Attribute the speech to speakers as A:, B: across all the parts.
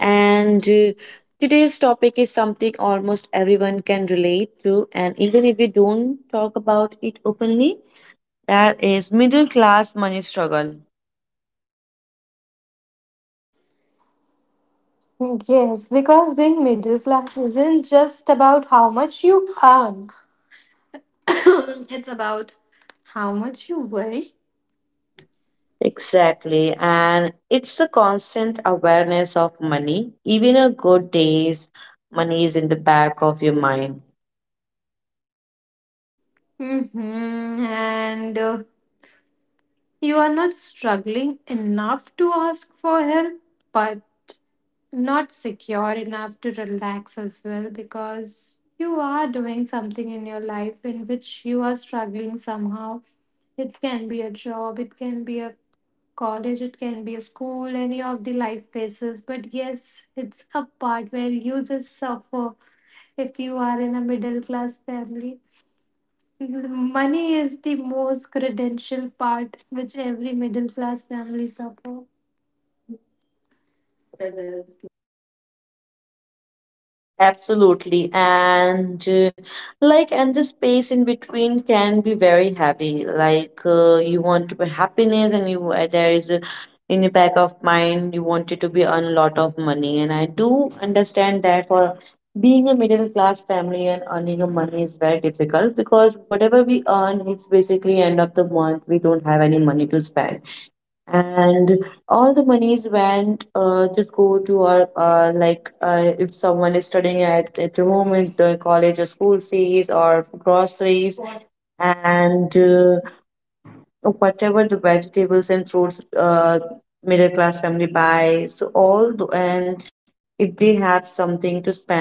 A: And Today's topic is something almost everyone can relate to, and even if we don't talk about it openly, that is middle class money struggle.
B: Yes, because being middle class isn't just about how much you earn, it's about how much you worry.
A: Exactly, and it's the constant awareness of money. Even on good days, money is in the back of your mind.
B: Hmm And You are not struggling enough to ask for help, but not secure enough to relax as well because you are doing something in your life in which you are struggling somehow. It can be a job, it can be a college, it can be a school, any of the life phases. But yes, it's a part where you just suffer if you are in a middle class family. Money is the most credential part which every middle class family suffer.
A: Absolutely. And the space in between can be very heavy. You want to be happiness, and you there is a, in your back of mind, you want it to be earn a lot of money. And I do understand that for being a middle class family and earning a money is very difficult because whatever we earn, it's basically end of the month. We don't have any money to spend, and all the monies went just go to our if someone is studying at home in the college or school fees or groceries and whatever the vegetables and fruits, middle class family buy. So all the, and if they have something to spend,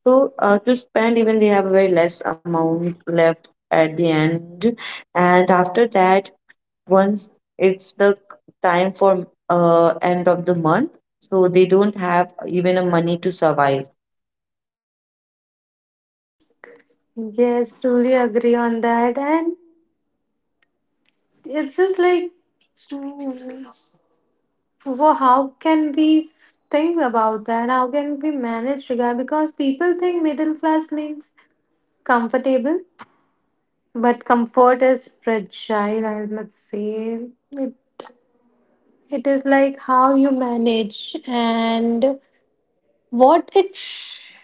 A: to spend, even they have a very less amount left at the end. And after that, once it's the time for end of the month, so they don't have even a money to survive.
B: Yes, truly agree on that. And it's just like, well, how can we think about that? How can we manage regard? Because people think middle class means comfortable, but comfort is fragile, I must say. It, it is like how you manage and what it sh-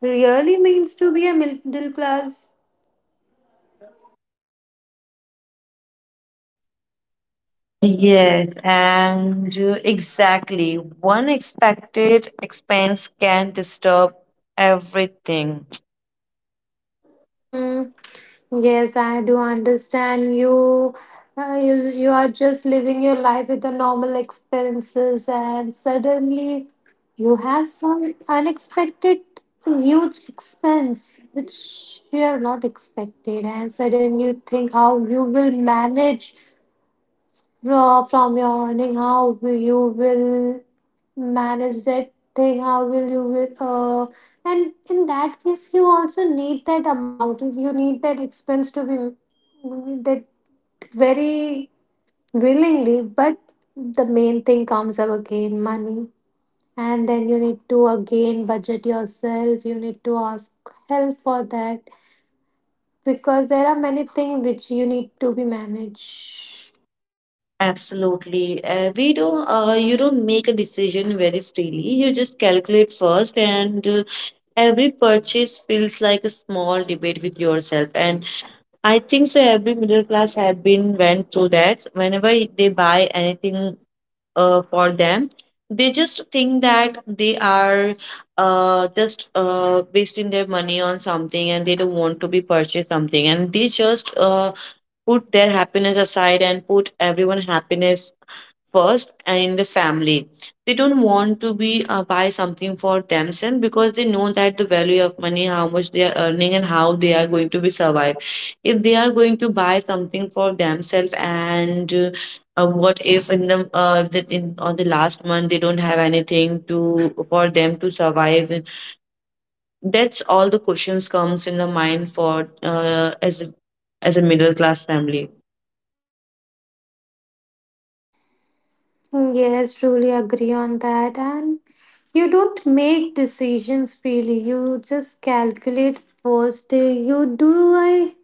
B: really means to be a middle class.
A: Yes, and exactly. One expected expense can disturb everything.
B: Mm, yes, I do understand you. Uh, you, you are just living your life with the normal experiences, and suddenly you have some unexpected huge expense which you have not expected, and suddenly you think how you will manage. Raw from your earning, how will you will manage that thing, how will you will, and in that case, you also need that amount. If you need that expense to be that very willingly, but the main thing comes up again money, and then you need to again budget yourself, you need to ask help for that because there are many things which you need to be managed.
A: Absolutely. We don't, You don't make a decision very freely. You just calculate first, and every purchase feels like a small debate with yourself. And I think so. Every middle class had been went through that. Whenever they buy anything for them, they just think that they are just wasting their money on something, and they don't want to be purchase something. And they just put their happiness aside and put everyone happiness first in the family. They don't want to be buy something for themselves because they know that the value of money, how much they are earning, and how they are going to be survive. If they are going to buy something for themselves, and what if in the if the, in on the last month they don't have anything to for them to survive? That's all the questions comes in the mind for as a middle class family.
B: Yes, truly agree on that. And you don't make decisions freely, you just calculate first. You do I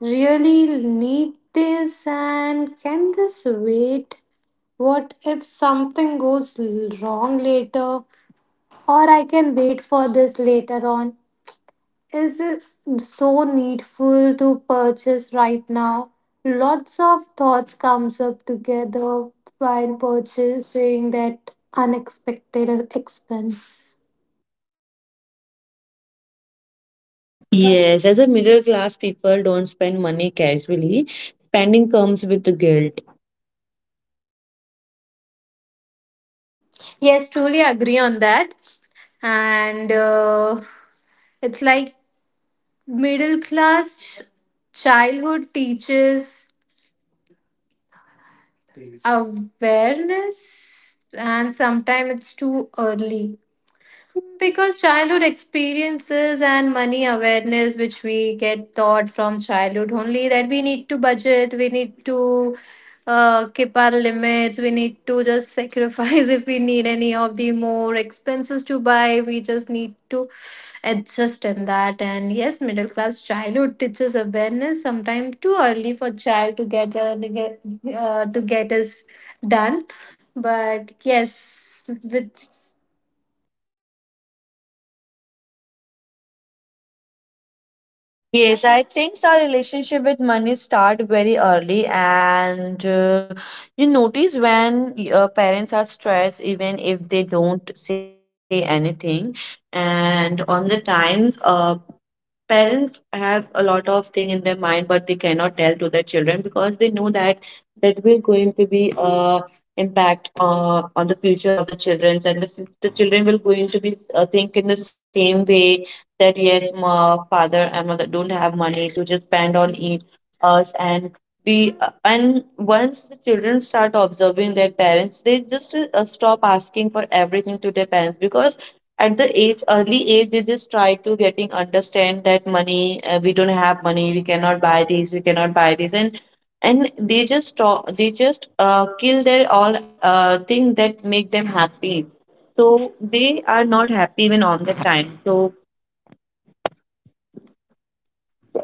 B: really need this and can this wait? What if something goes wrong later? Or I can wait for this later on, is it so needful to purchase right now? Lots of thoughts comes up together while purchasing that unexpected expense.
A: Yes, as a middle class people don't spend money casually. Spending comes with the guilt.
B: Yes, truly agree on that. And It's like middle class ch- childhood teaches awareness and sometimes it's too early. Because childhood experiences and money awareness, which we get taught from childhood only, that we need to budget, we need to keep our limits, we need to just sacrifice if we need any of the more expenses to buy, we just need to adjust in that. And yes, middle class childhood teaches awareness sometimes too early for child to get, to get us done. But yes, with
A: Yes, I think so. Our relationship with money start very early, and you notice when your parents are stressed, even if they don't say anything. And on the times, parents have a lot of thing in their mind but they cannot tell to their children because they know that that will going to be impact on the future of the children, and the children will going to be think in the same way that yes, my father and mother don't have money to just spend on us. And once the children start observing their parents, they just stop asking for everything to their parents because at the age early age they just try to getting understand that money we don't have money, we cannot buy this, we cannot buy this. And they just talk, they just kill their all thing that make them happy, so they are not happy even on the time. So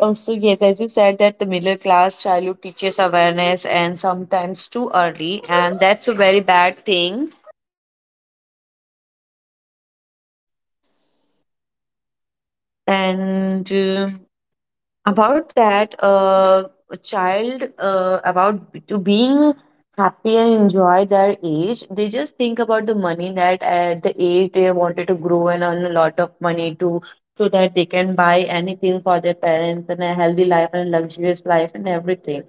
A: also, yes, as you said that the middle class childhood teaches awareness and sometimes too early, and that's a very bad thing. And uh, about that uh, a child about b- to being happy and enjoy their age, they just think about the money, that at the age they wanted to grow and earn a lot of money, to so that they can buy anything for their parents and a healthy life and a luxurious life and everything.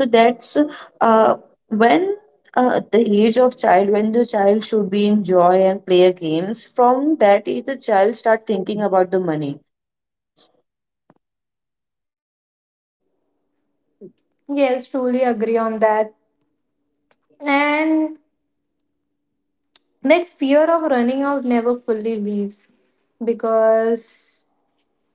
A: So that's uh, when uh, the age of child when the child should be enjoy and play a games, from that age the child start thinking about the money.
B: yes, truly agree on that. And that fear of running out never fully leaves because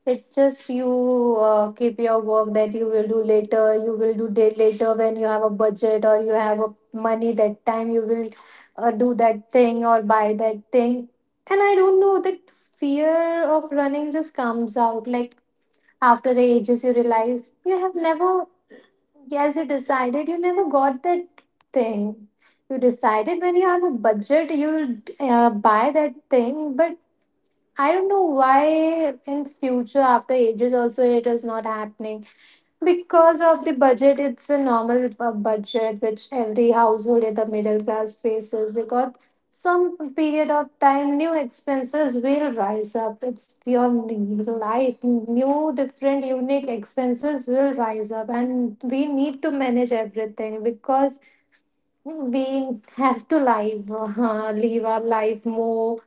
B: it's just you keep your work that you will do later, you will do day later when you have a budget or you have a money, that time you will do that thing or buy that thing. And I don't know, that fear of running just comes out like after the ages you realize you have never. Yes, you decided you never got that thing. You decided when you have a budget you'll buy that thing, but I don't know why in future after ages also it is not happening. Because of the budget, it's a budget which every household in the middle class faces because some period of time new expenses will rise up. It's your life, new, different, unique expenses will rise up, and we need to manage everything because we have to live, live our life more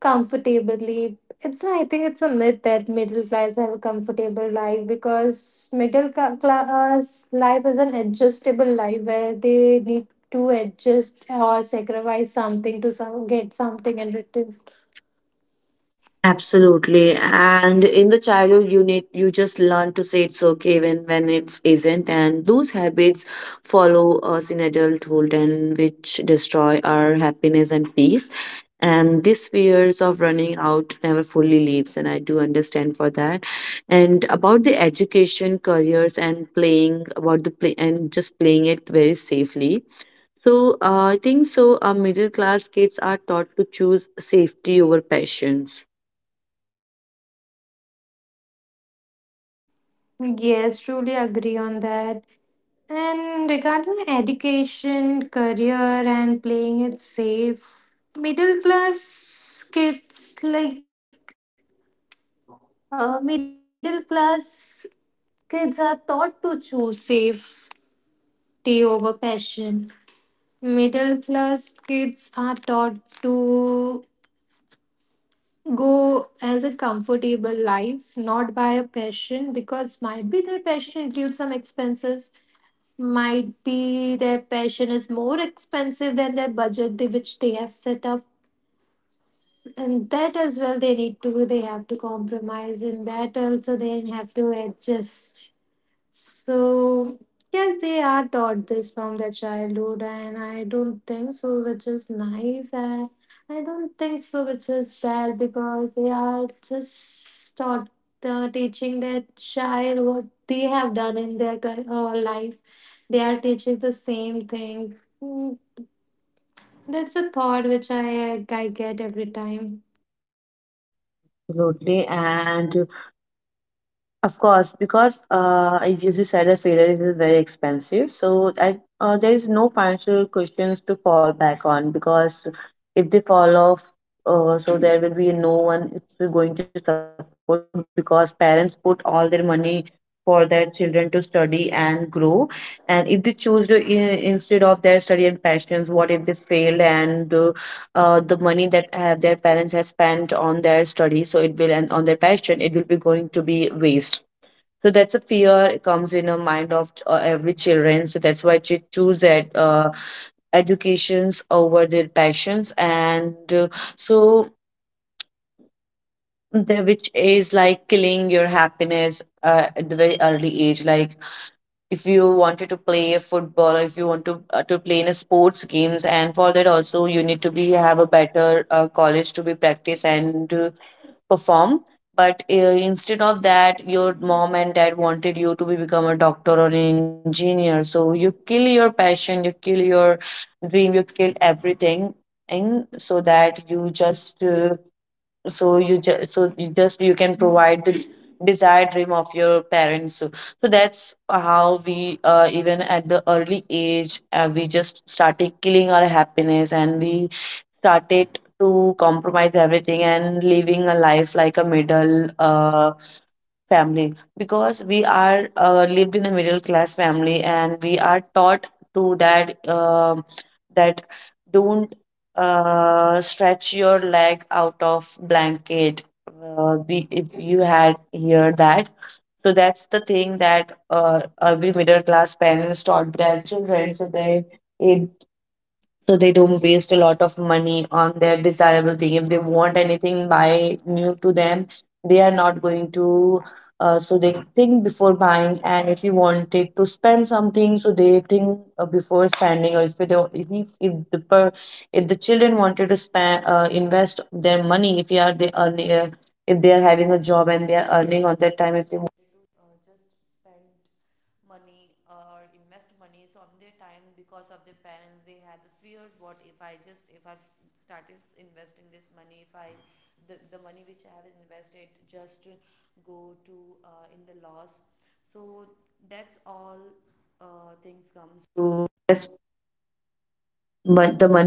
B: comfortably. It's, I think it's a myth that middle class have a comfortable life because middle class life is an adjustable life where they need to adjust or sacrifice something to some, get something in return.
A: Absolutely. And in the childhood you need, you just learn to say it's okay when it isn't, and those habits follow us in adulthood, and which destroy our happiness and peace. And this fears of running out never fully leaves, and I do understand for that. And about the education, careers and playing about the play and just playing it very safely. So I think so middle class kids are taught to choose safety over passions.
B: Yes, truly agree on that. And regarding education career and playing it safe, middle class kids like middle class kids are taught to choose safe tea over passion. Middle class kids are taught to go as a comfortable life, not by a passion, because might be their passion includes some expenses, might be their passion is more expensive than their budget they, which they have set up, and that as well they need to, they have to compromise, and that also they have to adjust. So, yes, they are taught this from their childhood, and I don't think so, which is nice, and I don't think so, which is bad because they are just taught teaching their child what they have done in their life. They are teaching the same thing. Mm, that's a thought which I get every time.
A: Absolutely. And of course, because as you said, a failure is very expensive. So there is no financial cushions to fall back on because if they fall off, so there will be no one it's going to support, because parents put all their money for their children to study and grow. And if they choose instead of their study and passions, fail, and the money that their parents have spent on their study, so it will, and on their passion, it will be going to be waste. So that's a fear, it comes in a mind of every children. So that's why they choose that educations over their passions, and so which is like killing your happiness at the very early age. Like if you wanted to play football, or if you want to play in a sports games, and for that also you need to be have a better college to be practice and. Perform, but instead of that your mom and dad wanted you to be, become a doctor or engineer, so you kill your passion, you kill your dream, you kill everything, and so that you just so you just so you just you can provide the desired dream of your parents. So so that's how we even at the early age, we just started killing our happiness, and we started to compromise everything and living a life like a middle family, because we are lived in a middle class family and we are taught to that don't stretch your leg out of blanket, be, if you had heard that. So that's the thing that every middle class parents taught their children, so they, so they don't waste a lot of money on their desirable thing. If they want anything buy new to them, they are not going to so they think before buying. And if you wanted to spend something, so they think before spending. Or if they, if the per, if the children wanted to spend invest their money, if you are they earn, if they are having a job and they are earning on their time, if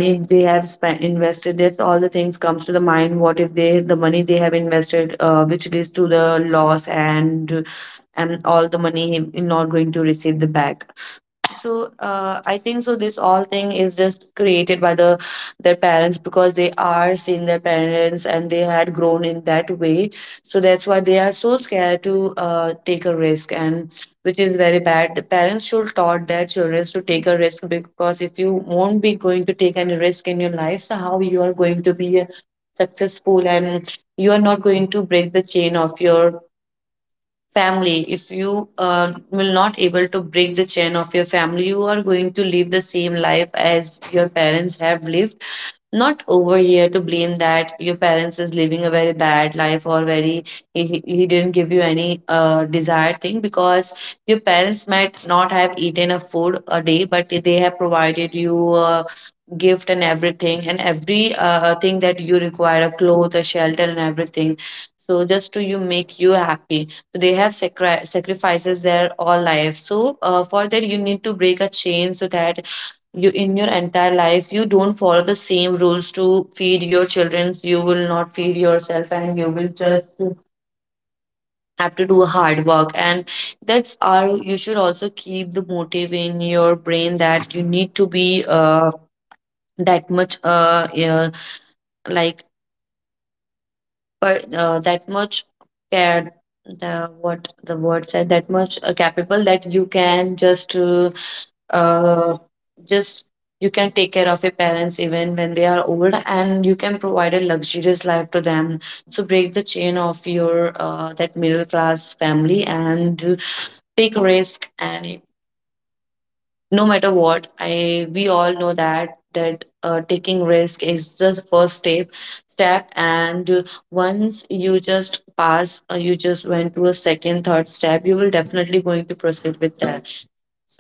A: money they have spent invested, that's all the things comes to the mind. What if they, the money they have invested, which leads to the loss, and all the money not going to receive the back. So I think so this all thing is just created by the their parents, because they are seeing their parents and they had grown in that way. So that's why they are so scared to take a risk, and which is very bad. The parents should taught their children to take a risk, because if you won't be going to take any risk in your life, so how you are going to be successful, and you are not going to break the chain of your family. If you will not able to break the chain of your family, you are going to live the same life as your parents have lived. Not over here to blame that your parents is living a very bad life or very he didn't give you any desired thing, because your parents might not have eaten a food a day, but they have provided you a gift and everything, and every thing that you require, a cloth, a shelter and everything, so just to you make you happy. So they have sacrifices their all life, so for that you need to break a chain, so that you in your entire life you don't follow the same rules to feed your children, you will not feed yourself, and you will just have to do hard work. And that's our, you should also keep the motive in your brain that you need to be that much yeah, like per, that much cared, the what the word said, that much capable, that you can uh, just you can take care of your parents even when they are old, and you can provide a luxurious life to them. So break the chain of your that middle class family, and take risk, and no matter what, I we all know that taking risk is the first step and once you just pass or you just went to a second third step you will definitely going to proceed with that.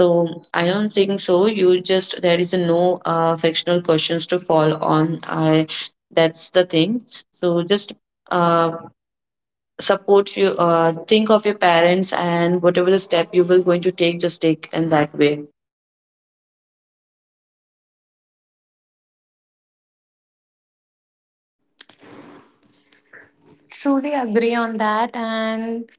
A: So I don't think so. You just there is no fictional questions to fall on. I that's the thing. So just uh, support you. Think of your parents, and whatever the step you will going to take, just take in that way.
B: Truly agree on that, and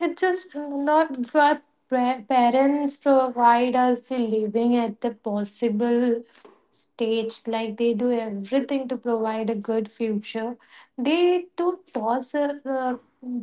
B: it's just not what parents provide us the living at the possible stage. Like they do everything to provide a good future. They do toss us,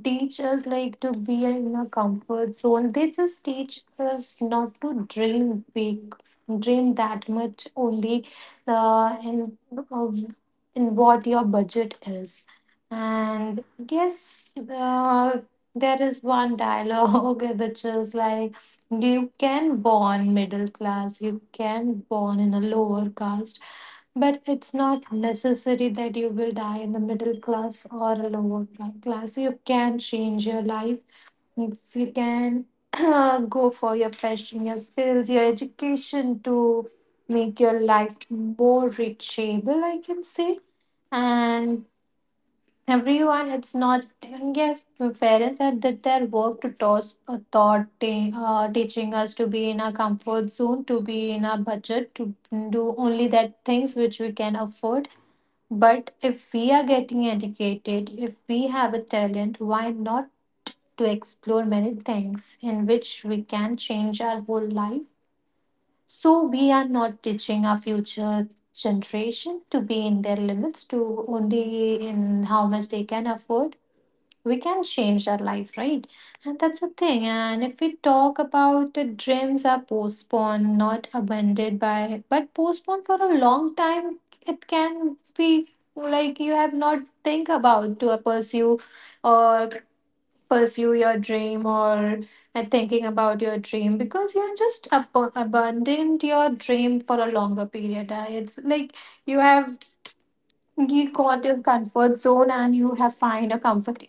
B: teach us like to be in a comfort zone. They just teach us not to dream big, dream that much only uh, in um, in what your budget is. And yes, there is one dialogue which is like, you can born middle class, you can born in a lower caste, but it's not necessary that you will die in the middle class or a lower class. You can change your life. If you can go for your passion, your skills, your education to make your life more reachable, I can say. And everyone it's not, yes, parents had did their work to toss a thought teaching us to be in our comfort zone, to be in our budget, to do only that things which we can afford. But if we are getting educated, if we have a talent, why not to explore many things in which we can change our whole life. So we are not teaching our future generation to be in their limits to only in how much they can afford. We can change our life, right? And that's the thing. And if we talk about, the dreams are postponed, not abandoned by, but postponed for a long time. It can be like you have not think about to pursue or pursue your dream or and thinking about your dream because you are just abandoned your dream for a longer period. It's like you have, you got your comfort zone and you have find a comfort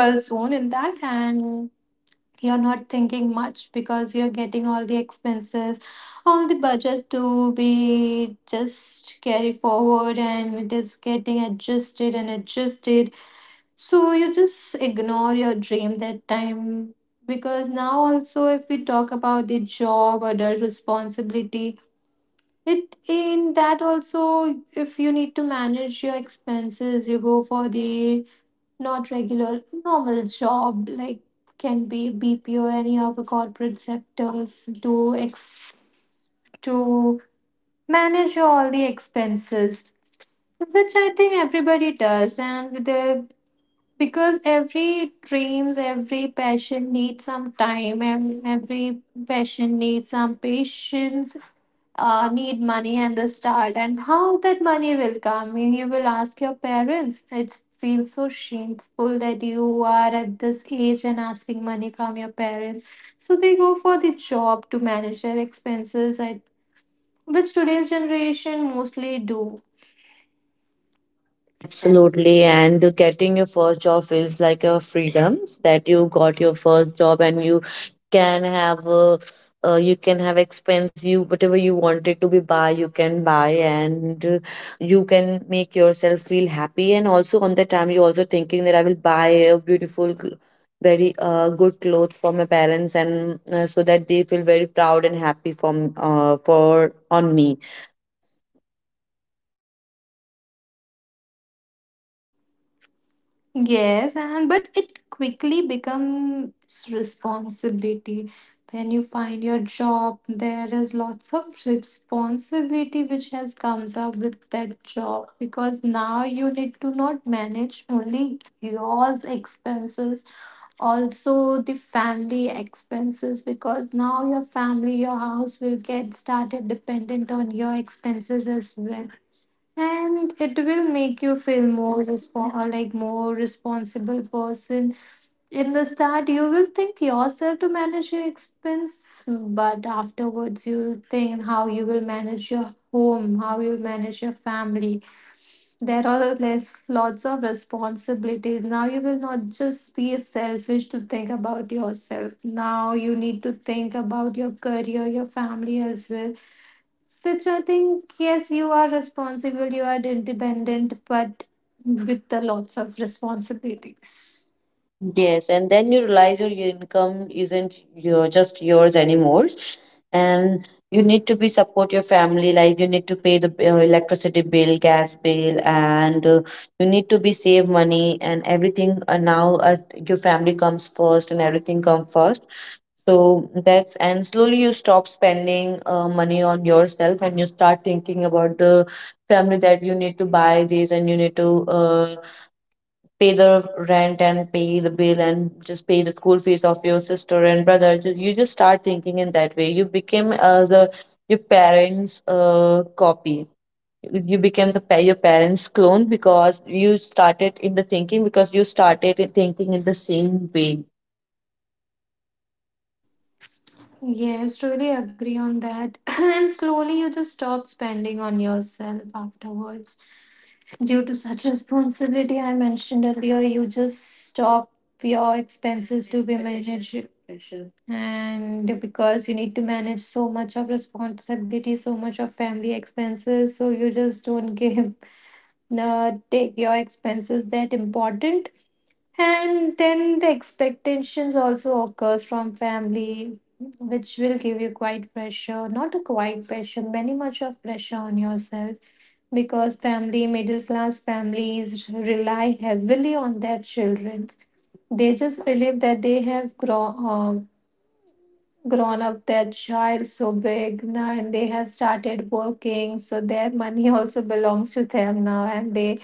B: Balzoon in that, and you're not thinking much because you're getting all the expenses, all the budget to be just carry forward and it is getting adjusted and adjusted. So you just ignore your dream that time because now also if we talk about the job adult responsibility, it in that also if you need to manage your expenses you go for the not regular normal job, like can be bpo or any of the corporate sectors to ex to manage all the expenses, which I think everybody does. And the because every dreams every passion needs some time and every passion needs some patience, need money and the start, and how that money will come, you will ask your parents, it feels so shameful that you are at this age and asking money from your parents, so they go for the job to manage their expenses, I, which today's generation mostly do.
A: Absolutely, and getting your first job feels like a freedom that you got your first job, and you can have a, you can have expense, you whatever you wanted to be buy you can buy, and you can make yourself feel happy. And also on the time you also thinking that I will buy a beautiful very good clothes for my parents, and so that they feel very proud and happy from for on me.
B: Yes, and but it quickly becomes responsibility. When you find your job, there is lots of responsibility which has comes up with that job because now you need to not manage only yours expenses, also the family expenses because now your family, your house will get started dependent on your expenses as well, and it will make you feel more like more responsible person. In the start you will think yourself to manage your expense, but afterwards you'll think how you will manage your home, how you'll manage your family. There are less, lots of responsibilities now. You will not just be selfish to think about yourself, now you need to think about your career, your family as well, which I think, yes, you are responsible, you are independent, but with the lots of responsibilities.
A: Yes, and then you realize your income isn't your just yours anymore, and you need to be support your family. Like you need to pay the electricity bill, gas bill, and you need to be save money and everything. And now your family comes first, and everything comes first. So that's, and slowly you stop spending money on yourself, and you start thinking about the family that you need to buy this, and you need to pay the rent, and pay the bill, and just pay the school fees of your sister and brother. You just start thinking in that way. You became the your parents copy. You became the your parents clone because you started in the thinking, because you started in thinking in the same way.
B: Yes, really agree on that. And slowly you just stop spending on yourself afterwards. Due to such responsibility, I mentioned earlier, you just stop your expenses to be managed. And because you need to manage so much of responsibility, so much of family expenses, so you just don't give take your expenses that important. And then the expectations also occurs from family which will give you quite pressure, not a quite pressure, many much of pressure on yourself because family middle class families rely heavily on their children. They just believe that they have grown up their child so big now and they have started working, so their money also belongs to them now and they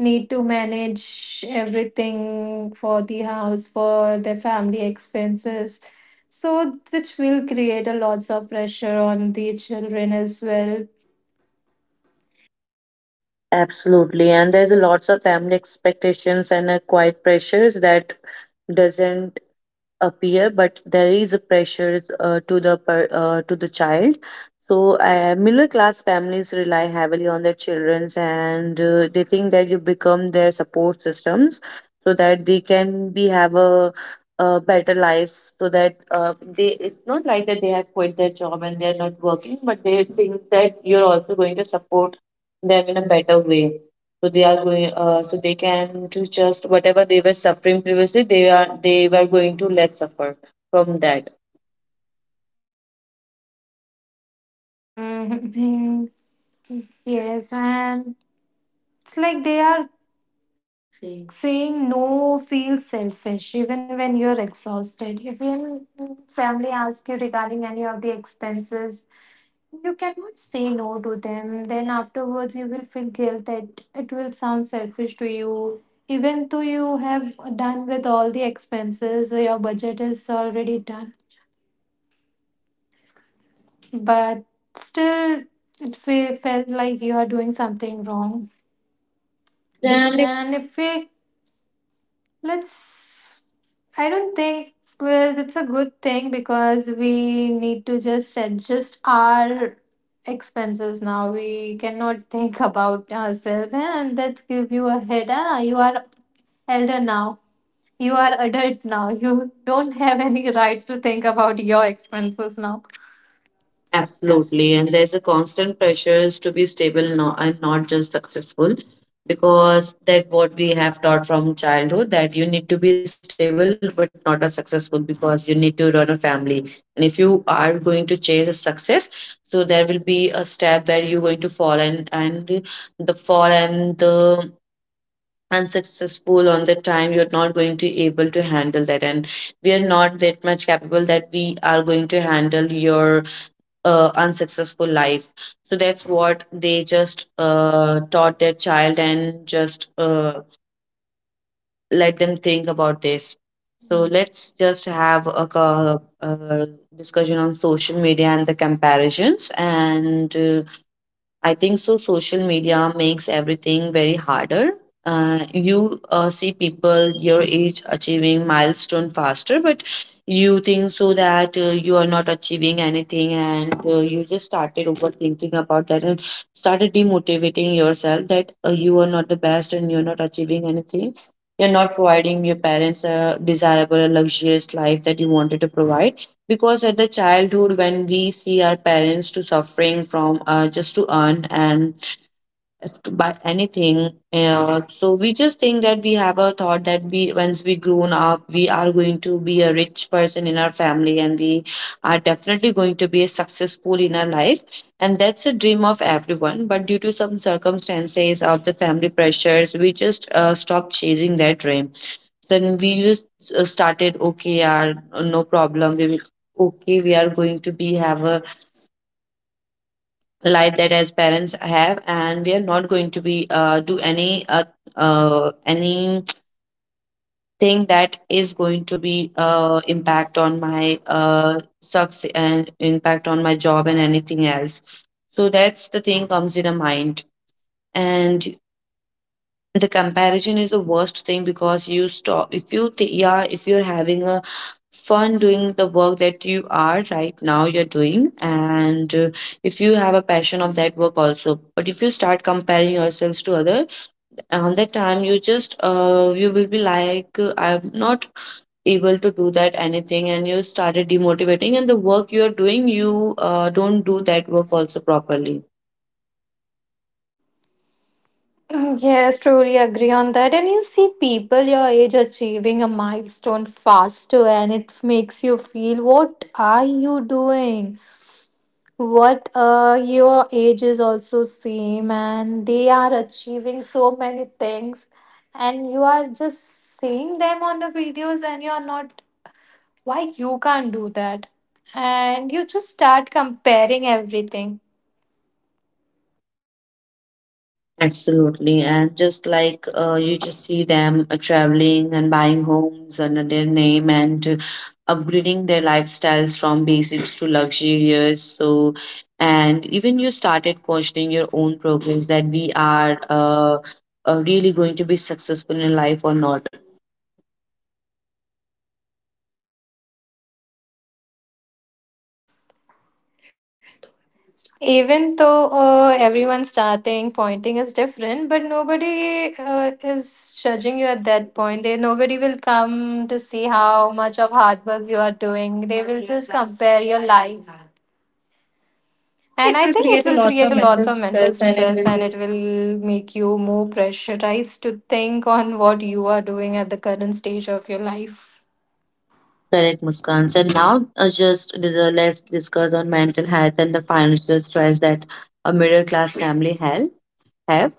B: need to manage everything for the house, for their family expenses. So, which will create a lots of pressure on the children as well.
A: Absolutely, and there's a lots of family expectations and quite pressures that doesn't appear, but there is a pressure to the to the child. So, middle class families rely heavily on their childrens, and they think that you become their support systems so that they can be have a better life, so that they it's not like that they have quit their job and they are not working, but they think that you're also going to support them in a better way. So they are going so they can to just whatever they were suffering previously, they are they were going to let suffer from that.
B: Mhm. Yes, and it's like they are saying no feels selfish even when you're exhausted. If your family asks you regarding any of the expenses, you cannot say no to them. Then afterwards, you will feel guilt that it will sound selfish to you. Even though you have done with all the expenses, your budget is already done. But still, it felt like you are doing something wrong.
A: It's
B: Which, and if we let's, I don't think, well, it's a good thing because we need to just adjust our expenses now. We cannot think about ourselves, and let's give you a head. Ah, you are elder now. You are adult now. You don't have any rights to think about your expenses now.
A: absolutely. And there's a constant pressures to be stable and not just successful, because that what we have taught from childhood, that you need to be stable but not a successful, because you need to run a family. And if you are going to chase a success, so there will be a step where you're going to fall and the fall and the unsuccessful on the time, you're not going to able to handle that, and we are not that much capable that we are going to handle your unsuccessful life. So that's what they just taught their child, and just let them think about this. So let's just have a, discussion on social media and the comparisons, and I think so. Social media makes everything very harder. You see people your age achieving milestone faster, but you think so that you are not achieving anything, and you just started overthinking about that, and started demotivating yourself that you are not the best and you're not achieving anything. You're not providing your parents a desirable, luxurious life that you wanted to provide, because at the childhood when we see our parents to suffering from just to earn and to buy anything, so we just think that we have a thought that we once we grown up we are going to be a rich person in our family, and we are definitely going to be successful in our life. And that's a dream of everyone, but due to some circumstances of the family pressures, we just stop chasing that dream. Then we just started, okay, yeah, no problem. We will, okay, we are going to be have a life that as parents have, and we are not going to be do any anything that is going to be impact on my sucks, and impact on my job and anything else. So that's the thing comes in a mind. And the comparison is the worst thing because you stop, if you yeah, if you're having a fun doing the work that you are right now you're doing, and if you have a passion of that work also, but if you start comparing yourselves to other, on that time you just you will be like I'm not able to do that anything, and you started demotivating, and the work you are doing you don't do that work also properly.
B: Mm, yes, truly agree on that. And you see people your age achieving a milestone faster, and it makes you feel, what are you doing? What your age is also same and they are achieving so many things, and you are just seeing them on the videos and you're not why you can't do that. And you just start comparing everything.
A: Absolutely. And just like you just see them traveling and buying homes under their name, and upgrading their lifestyles from basics to luxurious. So, and even you started questioning your own progress, that we are really going to be successful in life or not.
B: Even though everyone starting pointing is different, but nobody is judging you at that point, they nobody will come to see how much of hard work you are doing, they will just compare your life.
A: I think
B: And
A: it
B: I
A: will
B: think it
A: create a
B: will
A: lots
B: create
A: of
B: a lots
A: mental
B: of mental
A: stress, and it
B: stress and
A: will
B: it will make you more pressurized to think on what you are doing at the current stage of your life.
A: mm, correct, Muskan. And now, just let's discuss on mental health and the financial stress that a middle class family has. Have,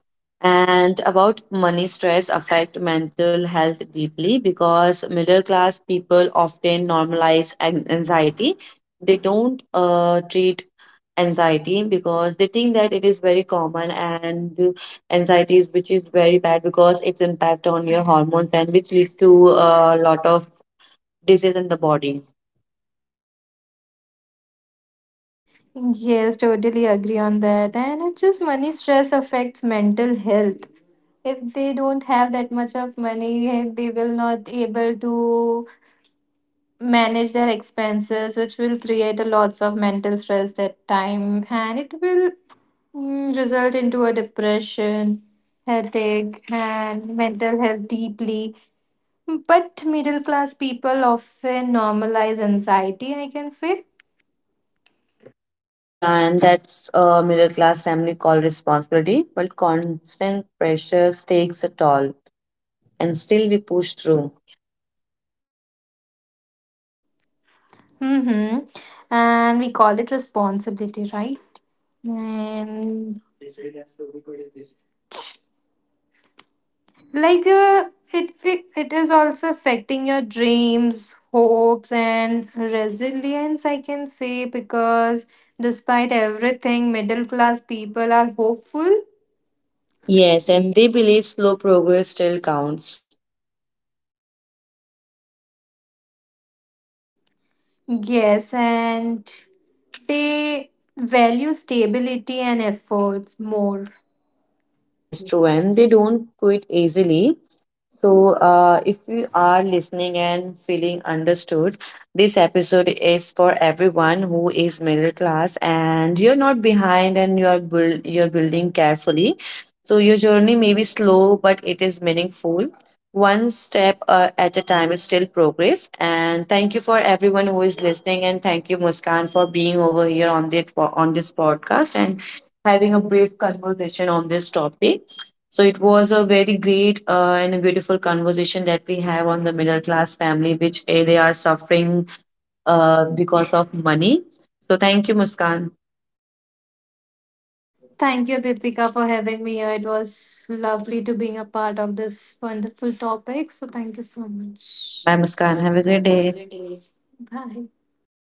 A: and about money stress affect mental health deeply, because middle class people often normalize anxiety. They don't treat anxiety because they think that it is very common. And anxiety is which is very bad because it's impact on your hormones, and which lead to a lot of disease in the body.
B: Yes, totally agree on that. And it's just money stress affects mental health. If they don't have that much of money, eh, they will not able to manage their expenses, which will create a lots of mental stress that time. And it will mm, result into a depression headache and mental health deeply, but middle class people often normalize anxiety, I can say.
A: Yeah, and that's a middle class family called responsibility, but constant pressure takes a toll, and still we push through.
B: Mm-hmm. And we call it responsibility, right? And like it is also affecting your dreams, hopes and resilience, I can say, because despite everything middle class people are hopeful.
A: Yes, and they believe slow progress still counts.
B: Yes, and they value stability and efforts more.
A: Yes, true, and they don't quit easily. So, if you are listening and feeling understood, this episode is for everyone who is middle class, and you're not behind, and you're you're building carefully. So your journey may be slow, but it is meaningful. One step at a time is still progress. And thank you for everyone who is listening, and thank you, Muskan, for being over here on this podcast and having a brief conversation on this topic. So it was a very great and a beautiful conversation that we have on the middle class family, which eh, they are suffering because of money. So thank you, Muskan.
B: Thank you, Deepika, for having me here. It was lovely to being a part of this wonderful topic. So thank you so much.
A: Bye, Muskan. Have a great day.
B: Bye.